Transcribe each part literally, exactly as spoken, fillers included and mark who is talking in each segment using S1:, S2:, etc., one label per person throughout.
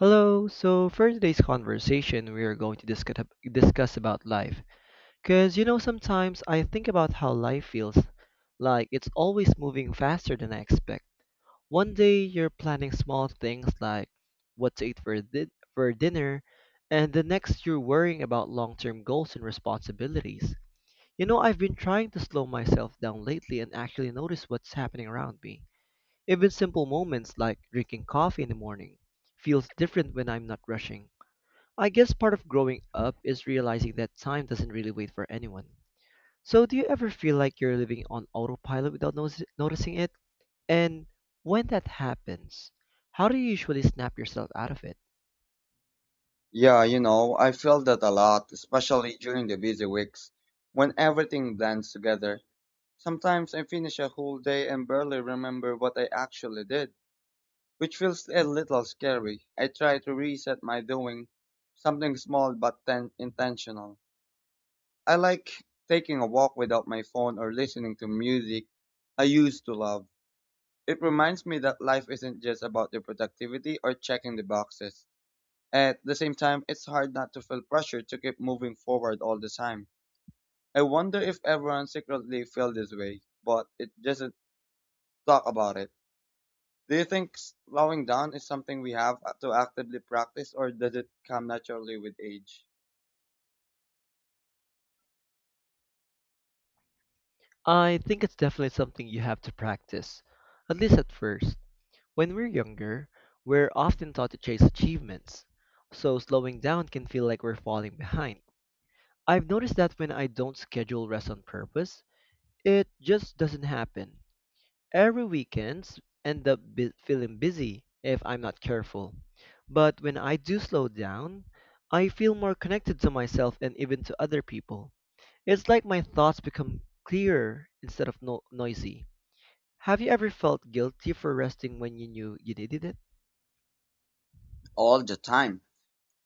S1: Hello. So for today's conversation, we are going to discuss discuss about life. Cause you know, sometimes I think about how life feels like it's always moving faster than I expect. One day you're planning small things like what to eat for di- for dinner, and the next you're worrying about long-term goals and responsibilities. You know, I've been trying to slow myself down lately and actually notice what's happening around me. Even simple moments like drinking coffee in the morning feels different when I'm not rushing. I guess part of growing up is realizing that time doesn't really wait for anyone. So, do you ever feel like you're living on autopilot without notice- noticing it? And when that happens, how do you usually snap yourself out of it?
S2: Yeah, you know, I feel that a lot, especially during the busy weeks when everything blends together. Sometimes I finish a whole day and barely remember what I actually did, which feels a little scary. I try to reset my doing something small but then intentional. I like taking a walk without my phone or listening to music I used to love. It reminds me that life isn't just about the productivity or checking the boxes. At the same time, it's hard not to feel pressure to keep moving forward all the time. I wonder if everyone secretly feels this way, but it doesn't talk about it. Do you think slowing down is something we have to actively practice or does it come naturally with age?
S1: I think it's definitely something you have to practice, at least at first. When we're younger, we're often taught to chase achievements, so slowing down can feel like we're falling behind. I've noticed that when I don't schedule rest on purpose, it just doesn't happen. Every weekends end up bu- feeling busy if I'm not careful. But when I do slow down, I feel more connected to myself and even to other people. It's like my thoughts become clearer instead of no- noisy. Have you ever felt guilty for resting when you knew you needed it?
S2: All the time.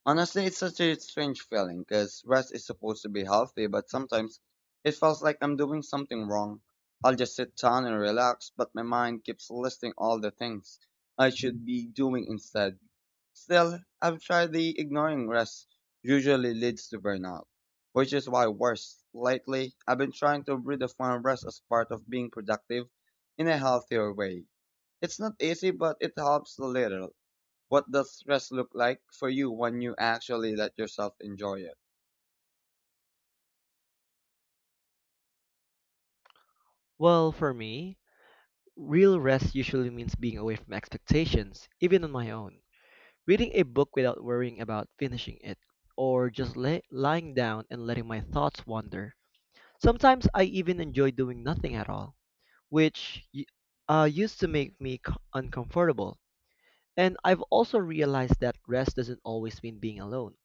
S2: Honestly, it's such a strange feeling because rest is supposed to be healthy, but sometimes it feels like I'm doing something wrong. I'll just sit down and relax, but my mind keeps listing all the things I should be doing instead. Still, I've tried the ignoring rest usually leads to burnout, which is why worse lately I've been trying to redefine rest as part of being productive in a healthier way. It's not easy, but it helps a little. What does rest look like for you when you actually let yourself enjoy it?
S1: Well, for me, real rest usually means being away from expectations, even on my own. Reading a book without worrying about finishing it, or just lay lying down and letting my thoughts wander. Sometimes I even enjoy doing nothing at all, which y- uh, used to make me c- uncomfortable. And I've also realized that rest doesn't always mean being alone.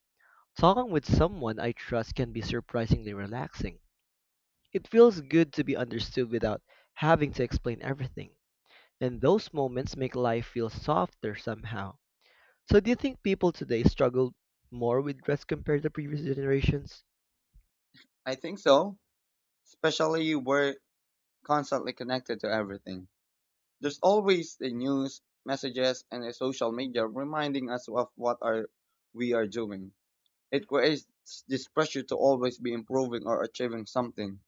S1: Talking with someone I trust can be surprisingly relaxing. It feels good to be understood without having to explain everything. And those moments make life feel softer somehow. So, do you think people today struggle more with rest compared to previous generations?
S2: I think so, especially we're constantly connected to everything. There's always the news, messages, and the social media reminding us of what are we are doing. It creates this pressure to always be improving or achieving something.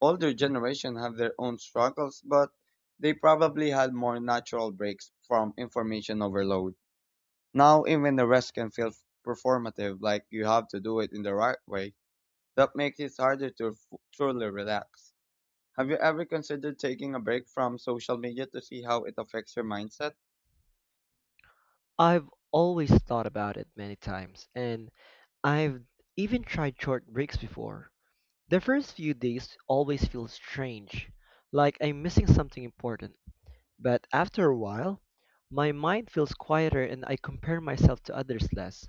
S2: Older generation have their own struggles, but they probably had more natural breaks from information overload. Now even the rest can feel performative, like you have to do it in the right way. That makes it harder to f- truly relax. Have you ever considered taking a break from social media to see how it affects your mindset?
S1: I've always thought about it many times, and I've even tried short breaks before. The first few days always feel strange, like I'm missing something important. But after a while, my mind feels quieter and I compare myself to others less.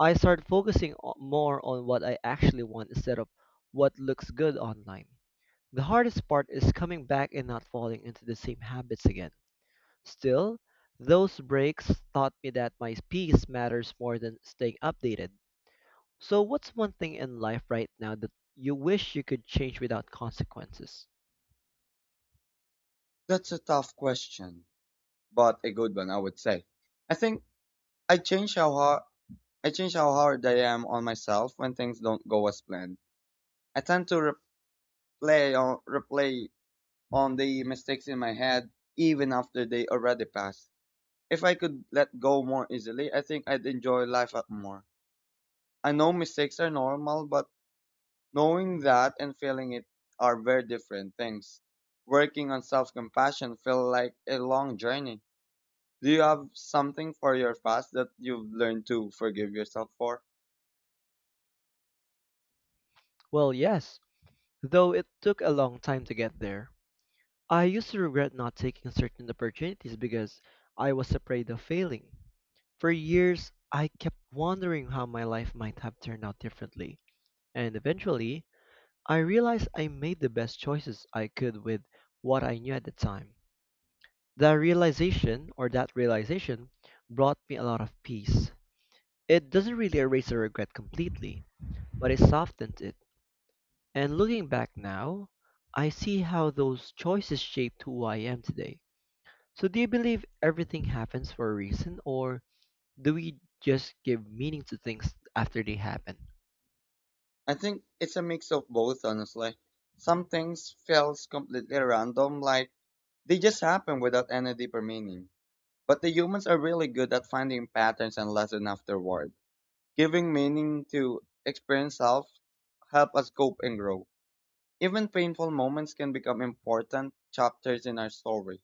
S1: I start focusing o- more on what I actually want instead of what looks good online. The hardest part is coming back and not falling into the same habits again. Still, those breaks taught me that my peace matters more than staying updated. So, what's one thing in life right now that you wish you could change without consequences?
S2: That's a tough question, but a good one, I would say. I think I changed how I change how hard I am on myself when things don't go as planned. I tend to replay on, replay on the mistakes in my head even after they already passed. If I could let go more easily, I think I'd enjoy life a- more. I know mistakes are normal, but knowing that and feeling it are very different things. Working on self-compassion feel like a long journey. Do you have something for your past that you've learned to forgive yourself for?
S1: Well, yes, though it took a long time to get there. I used to regret not taking certain opportunities because I was afraid of failing. For years, I kept wondering how my life might have turned out differently. And eventually, I realized I made the best choices I could with what I knew at the time. That realization, or that realization, brought me a lot of peace. It doesn't really erase the regret completely, but it softens it. And looking back now, I see how those choices shaped who I am today. So, do you believe everything happens for a reason, or do we just give meaning to things after they happen?
S2: I think it's a mix of both, honestly. Some things feels completely random, like they just happen without any deeper meaning. But the humans are really good at finding patterns and lesson afterward. Giving meaning to experience self help us cope and grow. Even painful moments can become important chapters in our story.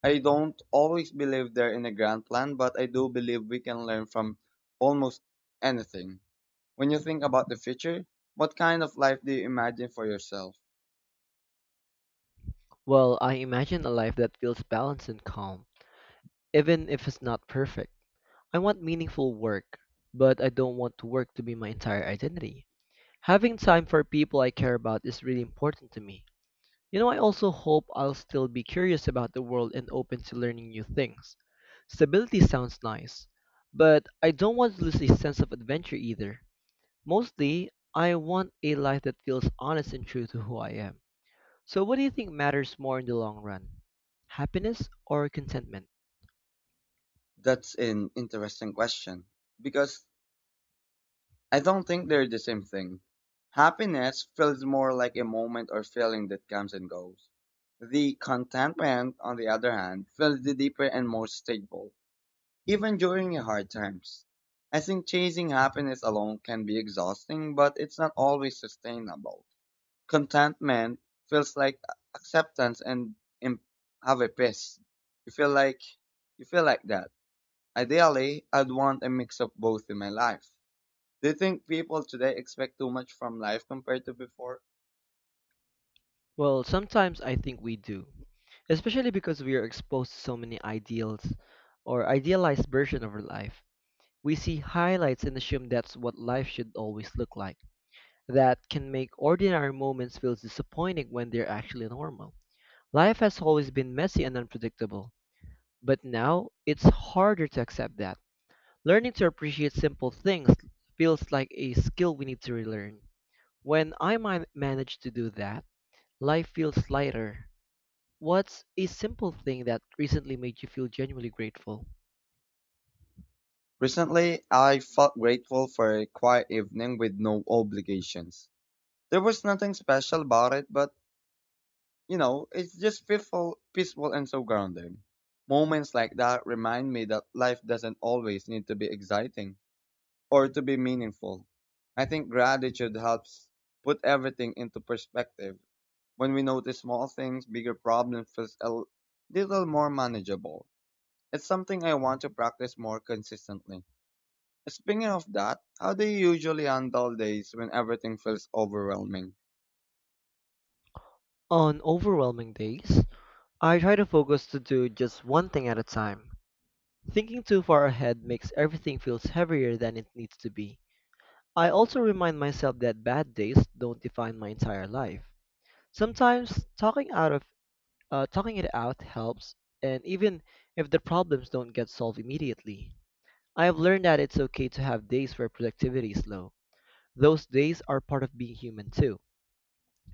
S2: I don't always believe they're in a grand plan, but I do believe we can learn from almost anything. When you think about the future, what kind of life do you imagine for yourself?
S1: Well, I imagine a life that feels balanced and calm, even if it's not perfect. I want meaningful work, but I don't want to work to be my entire identity. Having time for people I care about is really important to me. You know, I also hope I'll still be curious about the world and open to learning new things. Stability sounds nice, but I don't want to lose a sense of adventure either. Mostly, I want a life that feels honest and true to who I am. So, what do you think matters more in the long run? Happiness or contentment?
S2: That's an interesting question because I don't think they're the same thing. Happiness feels more like a moment or feeling that comes and goes. The contentment, on the other hand, feels the deeper and more stable, even during your hard times. I think chasing happiness alone can be exhausting, but it's not always sustainable. Contentment feels like acceptance and em- have a peace. You feel like you feel like that. Ideally, I'd want a mix of both in my life. Do you think people today expect too much from life compared to before?
S1: Well, sometimes I think we do, especially because we are exposed to so many ideals or idealized version of our life. We see highlights and assume that's what life should always look like. That can make ordinary moments feel disappointing when they're actually normal. Life has always been messy and unpredictable, but now it's harder to accept that. Learning to appreciate simple things feels like a skill we need to relearn. When I man- manage to do that, life feels lighter. What's a simple thing that recently made you feel genuinely grateful?
S2: Recently, I felt grateful for a quiet evening with no obligations. There was nothing special about it, but you know, it's just peaceful, peaceful and so grounding. Moments like that remind me that life doesn't always need to be exciting or to be meaningful. I think gratitude helps put everything into perspective. When we notice small things, bigger problems feels a l- little more manageable. It's something I want to practice more consistently. Speaking of that, how do you usually handle days when everything feels overwhelming?
S1: On overwhelming days, I try to focus to do just one thing at a time. Thinking too far ahead makes everything feels heavier than it needs to be. I also remind myself that bad days don't define my entire life. Sometimes talking out of uh, talking it out helps, and even if the problems don't get solved immediately, I have learned that it's okay to have days where productivity is low. Those days are part of being human too.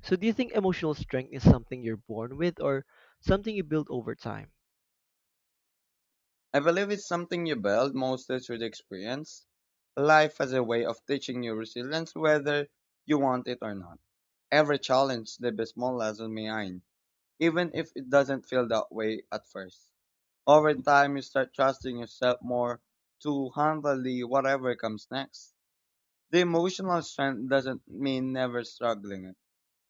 S1: So, do you think emotional strength is something you're born with or something you build over time?
S2: I believe it's something you build mostly through the experience. Life has a way of teaching you resilience whether you want it or not. Every challenge, the small lesson behind, even if it doesn't feel that way at first. Over time, you start trusting yourself more to handle the whatever comes next. The emotional strength doesn't mean never struggling.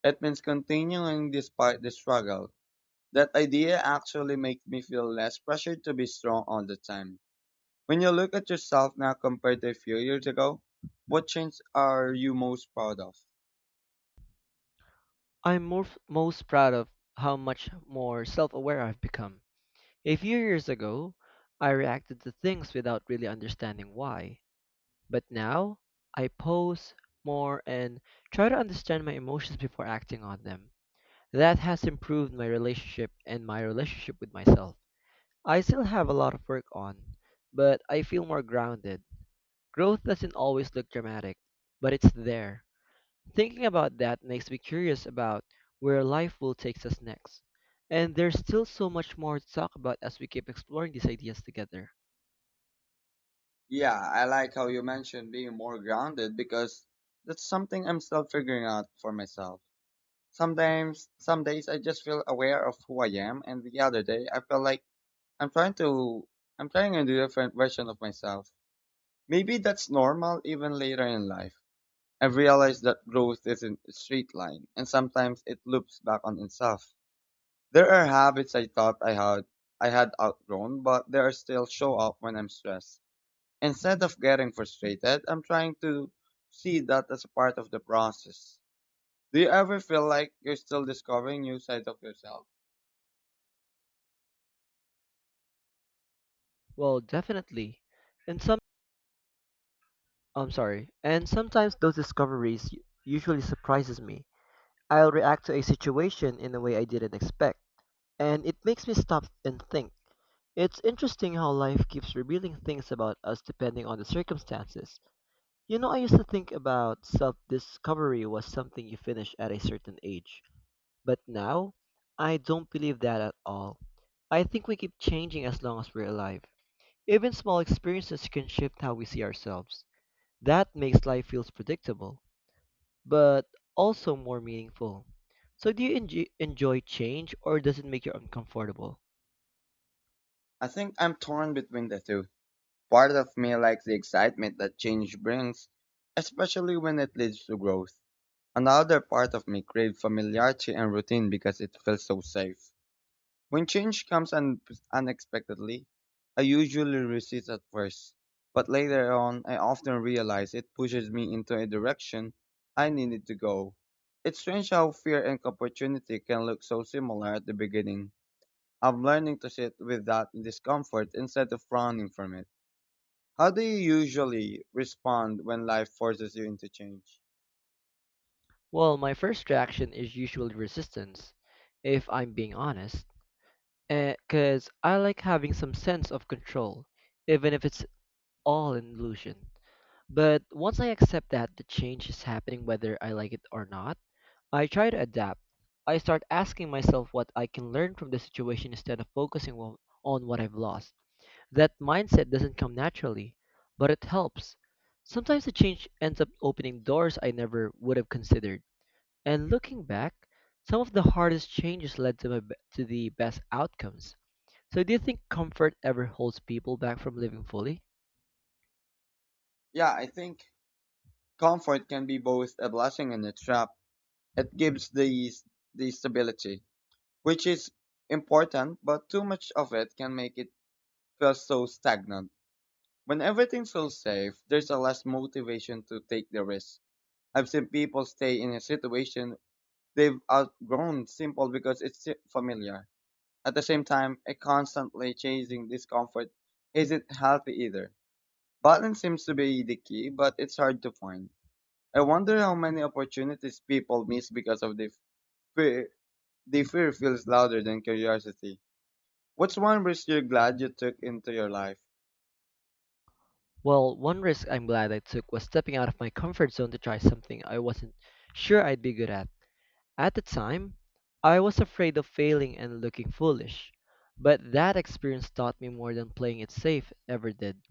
S2: It means continuing despite the struggle. That idea actually makes me feel less pressured to be strong all the time. When you look at yourself now compared to a few years ago, what change are you most proud of?
S1: I'm more, most proud of how much more self aware I've become. A few years ago, I reacted to things without really understanding why. But now, I pause more and try to understand my emotions before acting on them. That has improved my relationship and my relationship with myself. I still have a lot of work on, but I feel more grounded. Growth doesn't always look dramatic, but it's there. Thinking about that makes me curious about where life will take us next. And there's still so much more to talk about as we keep exploring these ideas together.
S2: Yeah, I like how you mentioned being more grounded because that's something I'm still figuring out for myself. Sometimes, some days I just feel aware of who I am, and the other day I feel like I'm trying to, I'm trying a different version of myself. Maybe that's normal even later in life. I've realized that growth isn't a straight line, and sometimes it loops back on itself. There are habits I thought I had, I had outgrown, but they are still show up when I'm stressed. Instead of getting frustrated, I'm trying to see that as a part of the process. Do you ever feel like you're still discovering new sides of yourself?
S1: Well, definitely. And some I'm sorry. And sometimes those discoveries u- usually surprises me. I'll react to a situation in a way I didn't expect, and it makes me stop and think. It's interesting how life keeps revealing things about us depending on the circumstances. You know, I used to think about self discovery was something you finish at a certain age, but now I don't believe that at all. I think we keep changing as long as we're alive. Even small experiences can shift how we see ourselves. That makes life feels predictable, but also more meaningful. So, do you enj- enjoy change or does it make you uncomfortable?
S2: I think I'm torn between the two. Part of me likes the excitement that change brings, especially when it leads to growth. Another part of me craves familiarity and routine because it feels so safe. When change comes un- unexpectedly, I usually resist at first, but later on, I often realize it pushes me into a direction I needed to go. It's strange how fear and opportunity can look so similar at the beginning. I'm learning to sit with that discomfort instead of running from it. How do you usually respond when life forces you into change?
S1: Well, my first reaction is usually resistance, if I'm being honest. Because I like having some sense of control, even if it's all an illusion. But once I accept that the change is happening whether I like it or not, I try to adapt. I start asking myself what I can learn from the situation instead of focusing on on what I've lost. That mindset doesn't come naturally, but it helps. Sometimes the change ends up opening doors I never would have considered. And looking back, some of the hardest changes led to, my, be- to the best outcomes. So do you think comfort ever holds people back from living fully?
S2: Yeah, I think comfort can be both a blessing and a trap. It gives the, the stability which is important, but too much of it can make it feel so stagnant. When everything feels safe, there's a less motivation to take the risk. I've seen people stay in a situation they've outgrown simple because it's si- familiar. At the same time, a constantly chasing discomfort isn't healthy either. Balance seems to be the key, but it's hard to find. I wonder how many opportunities people miss because of the fear. The fear feels louder than curiosity. What's one risk you're glad you took into your life?
S1: Well, one risk I'm glad I took was stepping out of my comfort zone to try something I wasn't sure I'd be good at. At the time, I was afraid of failing and looking foolish, but that experience taught me more than playing it safe ever did.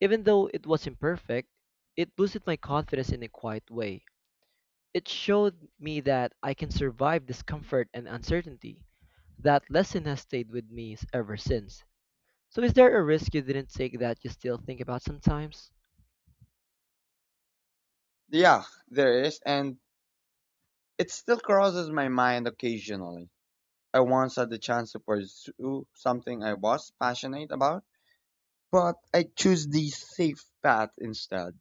S1: Even though it was imperfect, it boosted my confidence in a quiet way. It showed me that I can survive discomfort and uncertainty. That lesson has stayed with me ever since. So is there a risk you didn't take that you still think about sometimes?
S2: Yeah, there is, and it still crosses my mind occasionally. I once had the chance to pursue something I was passionate about, but I chose the safe path instead.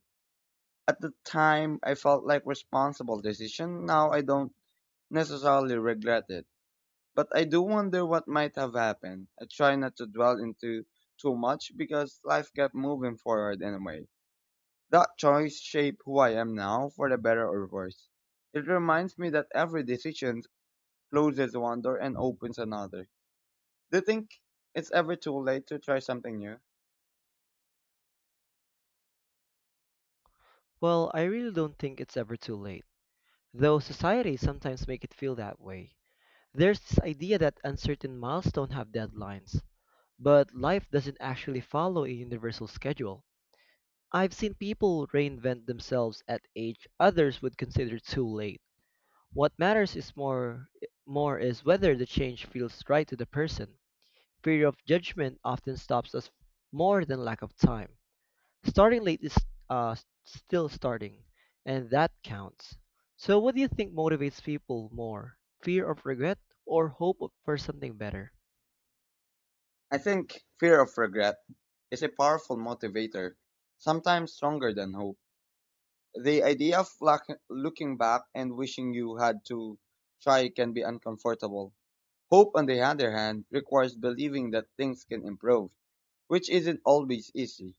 S2: At the time, I felt like responsible decision. Now I don't necessarily regret it, but I do wonder what might have happened. I try not to dwell into too much because life kept moving forward anyway. That choice shaped who I am now, for the better or worse. It reminds me that every decision closes one door and opens another. Do you think it's ever too late to try something new?
S1: Well, I really don't think it's ever too late, though society sometimes make it feel that way. There's this idea that uncertain milestones have deadlines, but life doesn't actually follow a universal schedule. I've seen people reinvent themselves at age others would consider too late. What matters is more more is whether the change feels right to the person. Fear of judgment often stops us more than lack of time. Starting late is uh, still starting, and that counts. So, what do you think motivates people more? Fear of regret or hope for something better?
S2: I think fear of regret is a powerful motivator, sometimes stronger than hope. The idea of lack- looking back and wishing you had to try can be uncomfortable. Hope, on the other hand, requires believing that things can improve, which isn't always easy.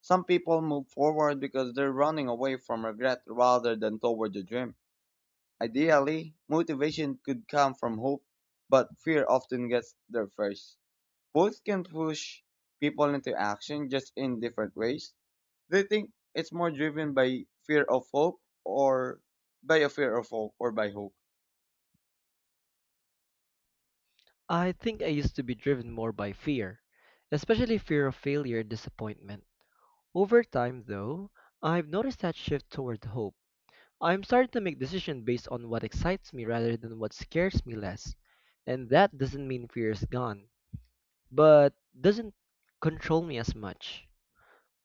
S2: Some people move forward because they're running away from regret rather than toward the dream. Ideally, motivation could come from hope, but fear often gets there first. Both can push people into action just in different ways. They think it's more driven by fear of hope or by a fear of hope or by hope.
S1: I think I used to be driven more by fear, especially fear of failure and disappointment. Over time, though, I've noticed that shift toward hope. I'm starting to make decisions based on what excites me rather than what scares me less. And that doesn't mean fear is gone, but doesn't control me as much.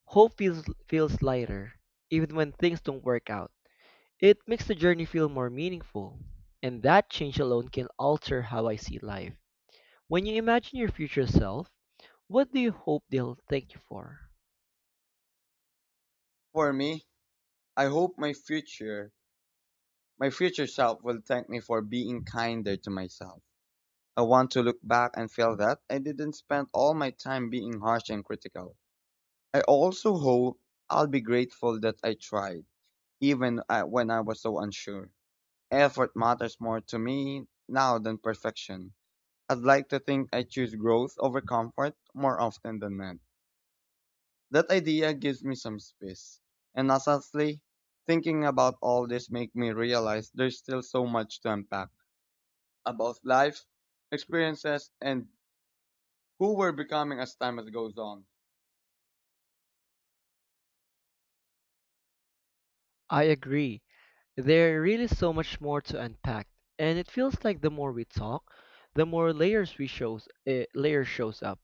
S1: Hope feels feels lighter, even when things don't work out. It makes the journey feel more meaningful, and that change alone can alter how I see life. When you imagine your future self, what do you hope they'll thank you for?
S2: For me, I hope my future, my future self will thank me for being kinder to myself. I want to look back and feel that I didn't spend all my time being harsh and critical. I also hope I'll be grateful that I tried, even uh, when I was so unsure. Effort matters more to me now than perfection. I'd like to think I choose growth over comfort more often than not. That idea gives me some space. And honestly, thinking about all this makes me realize there's still so much to unpack about life, experiences, and who we're becoming as time as goes on?
S1: I agree. There really is so much more to unpack, and it feels like the more we talk, the more layers we shows uh, layer shows up.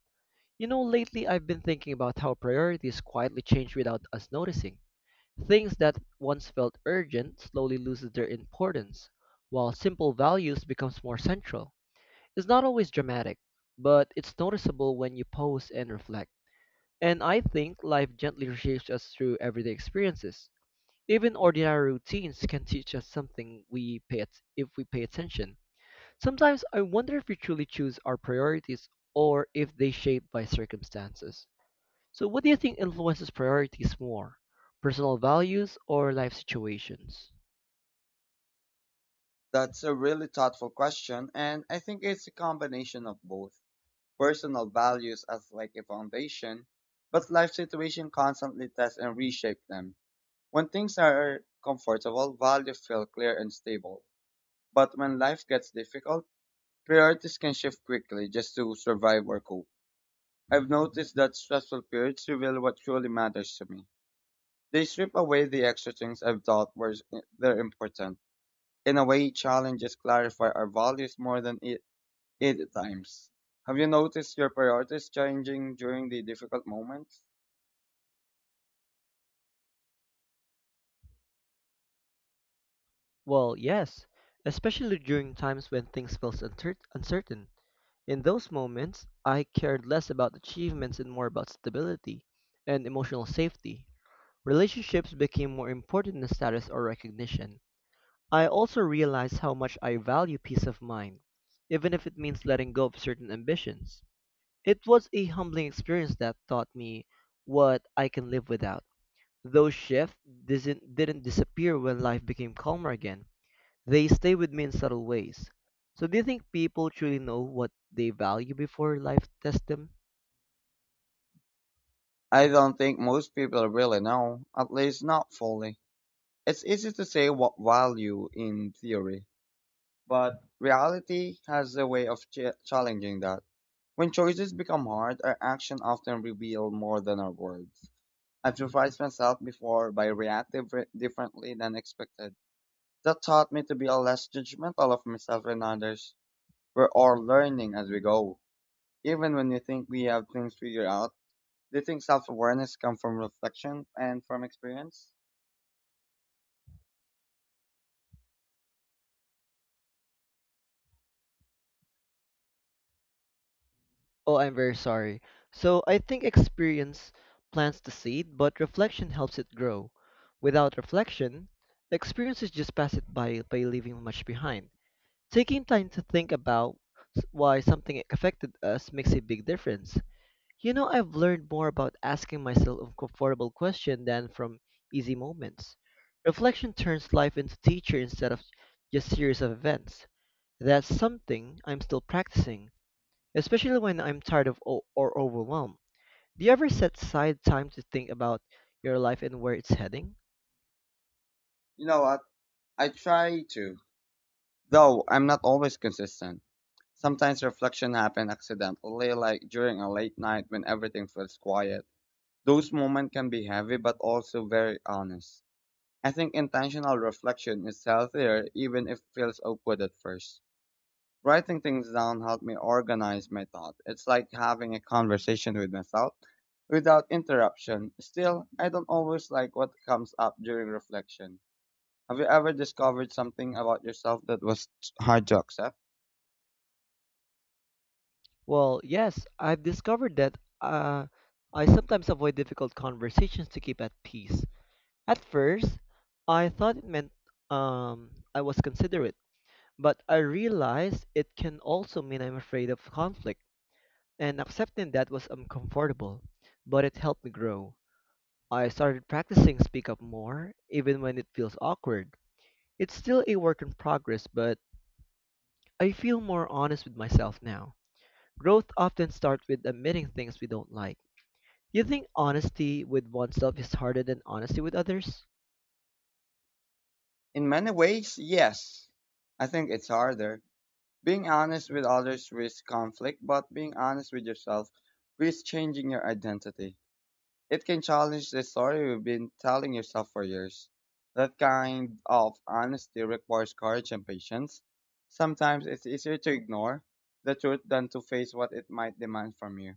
S1: You know, lately I've been thinking about how priorities quietly change without us noticing. Things that once felt urgent slowly loses their importance, while simple values becomes more central. It's not always dramatic, but it's noticeable when you pause and reflect. And I think life gently reshapes us through everyday experiences. Even ordinary routines can teach us something we pay at- if we pay attention. Sometimes I wonder if we truly choose our priorities or if they shape by circumstances. So, what do you think influences priorities more? Personal values or life situations?
S2: That's a really thoughtful question, and I think it's a combination of both personal values as like a foundation, but life situation constantly test and reshape them. When things are comfortable, values feel clear and stable. But when life gets difficult, priorities can shift quickly just to survive or cope. I've noticed that stressful periods reveal what truly matters to me. They strip away the extra things I've thought were eh, they're important in a way, challenges clarify our values more than it, it times. Have you noticed your priorities changing during the difficult moments?
S1: Well, yes, especially during times when things felt uncer- uncertain. In those moments, I cared less about achievements and more about stability and emotional safety. Relationships became more important than status or recognition. I also realized how much I value peace of mind, even if it means letting go of certain ambitions. It was a humbling experience that taught me what I can live without. Those shifts didn't, didn't disappear when life became calmer again. They stay with me in subtle ways. So do you think people truly know what they value before life tests them?
S2: I don't think most people really know, at least not fully. It's easy to say what value in theory, but reality has a way of ch- challenging that. When choices become hard, our actions often reveal more than our words. I've surprised myself before by reacting re- differently than expected. That taught me to be less judgmental of myself and others. We're all learning as we go. Even when we think we have things figured out, do you think self awareness comes from reflection and from experience?
S1: Oh, I'm very sorry. So I think experience plants the seed, but reflection helps it grow. Without reflection, experiences just pass it by by leaving much behind. Taking time to think about s- why something affected us makes a big difference. You know, I've learned more about asking myself uncomfortable questions than from easy moments. Reflection turns life into teacher instead of just series of events. That's something I'm still practicing, especially when I'm tired of o- or overwhelmed. Do you ever set aside time to think about your life and where it's heading?
S2: You know what? I try to, though I'm not always consistent. Sometimes reflection happens accidentally, like during a late night when everything feels quiet. Those moments can be heavy but also very honest. I think intentional reflection is healthier even if it feels awkward at first. Writing things down helped me organize my thought. It's like having a conversation with myself without interruption. Still, I don't always like what comes up during reflection. Have you ever discovered something about yourself that was hard to accept?
S1: Well, yes, I've discovered that uh, I sometimes avoid difficult conversations to keep at peace. At first, I thought it meant um, I was considerate. But I realized it can also mean I'm afraid of conflict, and accepting that was uncomfortable, but it helped me grow. I started practicing speak up more, even when it feels awkward. It's still a work in progress, but I feel more honest with myself now. Growth often starts with admitting things we don't like. Do you think honesty with oneself is harder than honesty with others?
S2: In many ways, yes. I think it's harder. Being honest with others risks conflict, but being honest with yourself risks changing your identity. It can challenge the story you've been telling yourself for years. That kind of honesty requires courage and patience. Sometimes it's easier to ignore the truth than to face what it might demand from you.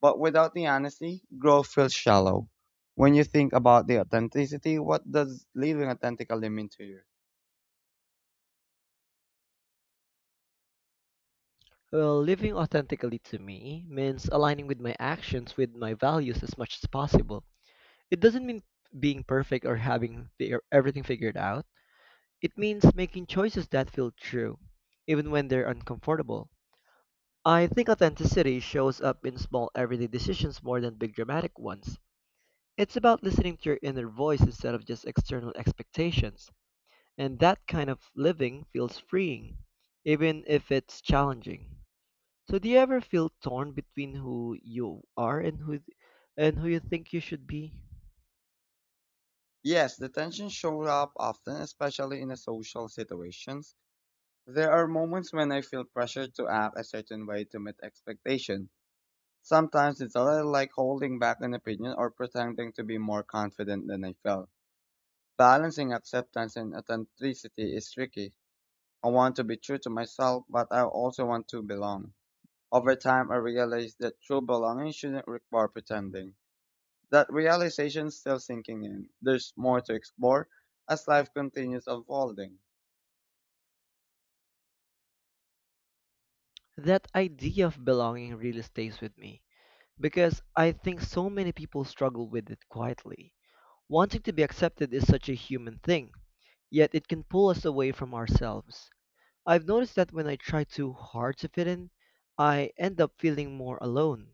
S2: But without the honesty, growth feels shallow. When you think about the authenticity, what does living authentically mean to you?
S1: Well, living authentically to me means aligning with my actions with my values as much as possible. It doesn't mean being perfect or having the, everything figured out. It means making choices that feel true, even when they're uncomfortable. I think authenticity shows up in small everyday decisions more than big dramatic ones. It's about listening to your inner voice instead of just external expectations, and that kind of living feels freeing, even if it's challenging. So, do you ever feel torn between who you are and who and who you think you should be?
S2: Yes, the tension shows up often, especially in a social situations. There are moments when I feel pressured to act a certain way to meet expectations. Sometimes it's a little like holding back an opinion or pretending to be more confident than I felt. Balancing acceptance and authenticity is tricky. I want to be true to myself, but I also want to belong. Over time, I realized that true belonging shouldn't require pretending. That realization is still sinking in. There's more to explore as life continues unfolding.
S1: That idea of belonging really stays with me because I think so many people struggle with it quietly. Wanting to be accepted is such a human thing, yet it can pull us away from ourselves. I've noticed that when I try too hard to fit in, I end up feeling more alone.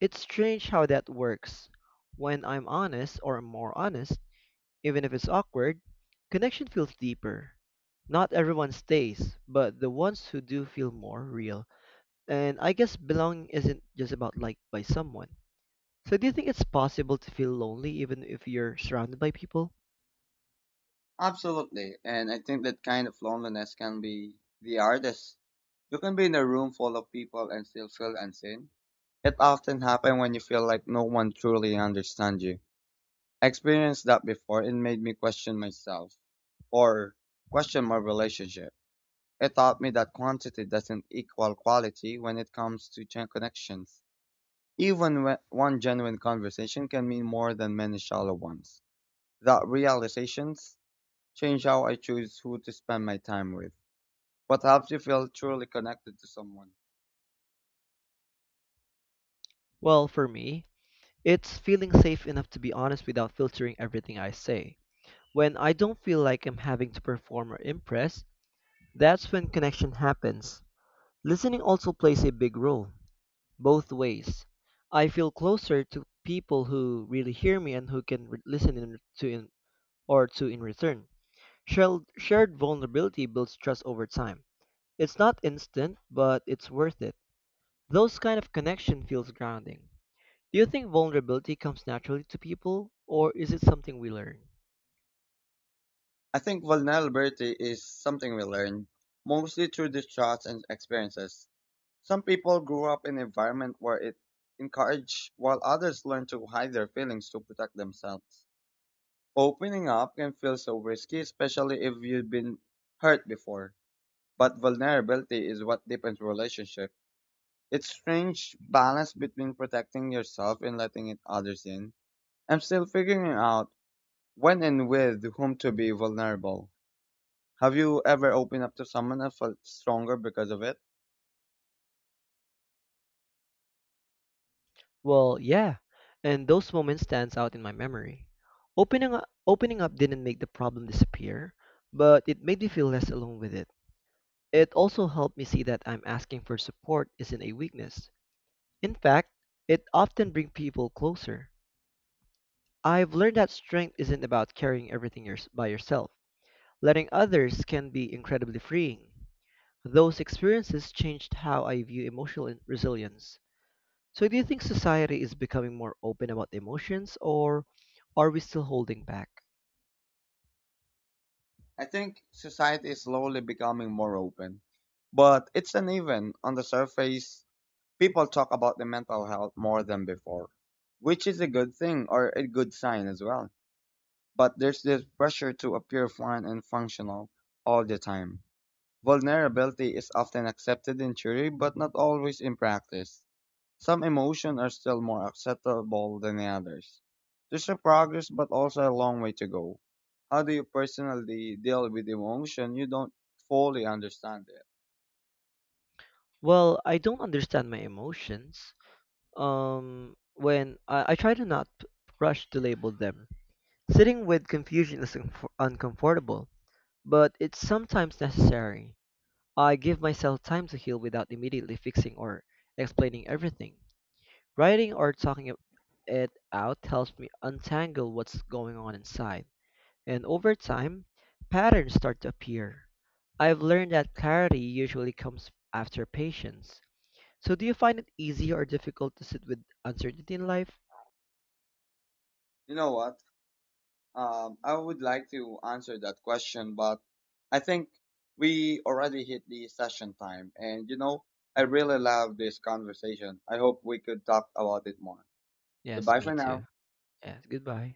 S1: It's strange how that works. When I'm honest, or more honest, even if it's awkward, connection feels deeper. Not everyone stays, but the ones who do feel more real. And I guess belonging isn't just about liked by someone. So do you think it's possible to feel lonely even if you're surrounded by people?
S2: Absolutely, and I think that kind of loneliness can be the hardest. You can be in a room full of people and still feel unseen. It often happens when you feel like no one truly understands you. I experienced that before and made me question myself or question my relationship. It taught me that quantity doesn't equal quality when it comes to gen- connections. Even when one genuine conversation can mean more than many shallow ones. That realizations change how I choose who to spend my time with. What helps you feel truly connected to someone?
S1: Well, for me, it's feeling safe enough to be honest without filtering everything I say. When I don't feel like I'm having to perform or impress, that's when connection happens. Listening also plays a big role, both ways. I feel closer to people who really hear me and who can re- listen in, to in, or to in return. Shared, shared vulnerability builds trust over time. It's not instant, but it's worth it. Those kind of connection feels grounding. Do you think vulnerability comes naturally to people, or is it something we learn?
S2: I think vulnerability is something we learn, mostly through distrust and experiences. Some people grew up in an environment where it encouraged, while others learn to hide their feelings to protect themselves. Opening up can feel so risky, especially if you've been hurt before. But vulnerability is what deepens relationship. It's strange balance between protecting yourself and letting it others in. I'm still figuring out when and with whom to be vulnerable. Have you ever opened up to someone and felt stronger because of it?
S1: Well, yeah, and those moments stands out in my memory. Opening up, opening up didn't make the problem disappear, but it made me feel less alone with it. It also helped me see that I'm asking for support isn't a weakness. In fact, it often brings people closer. I've learned that strength isn't about carrying everything yours by yourself. Letting others can be incredibly freeing. Those experiences changed how I view emotional in- resilience. So, do you think society is becoming more open about emotions, or are we still holding back?
S2: I think society is slowly becoming more open, but it's uneven. On the surface, people talk about the mental health more than before, which is a good thing or a good sign as well. But there's this pressure to appear fine and functional all the time. Vulnerability is often accepted in theory, but not always in practice. Some emotions are still more acceptable than others. There's a progress, but also a long way to go. How do you personally deal with emotion you don't fully understand it?
S1: Well, I don't understand my emotions. Um, when I, I try to not p- rush to label them, sitting with confusion is unfor- uncomfortable, but it's sometimes necessary. I give myself time to heal without immediately fixing or explaining everything. Writing or talking it out helps me untangle what's going on inside. And over time, patterns start to appear. I've learned that clarity usually comes after patience. So, do you find it easy or difficult to sit with uncertainty in life?
S2: You know what? Um, I would like to answer that question, but I think we already hit the session time. And you know, I really love this conversation. I hope we could talk about it more.
S1: Yes,
S2: Goodbye
S1: me
S2: for
S1: too.
S2: now.
S1: Yes, goodbye.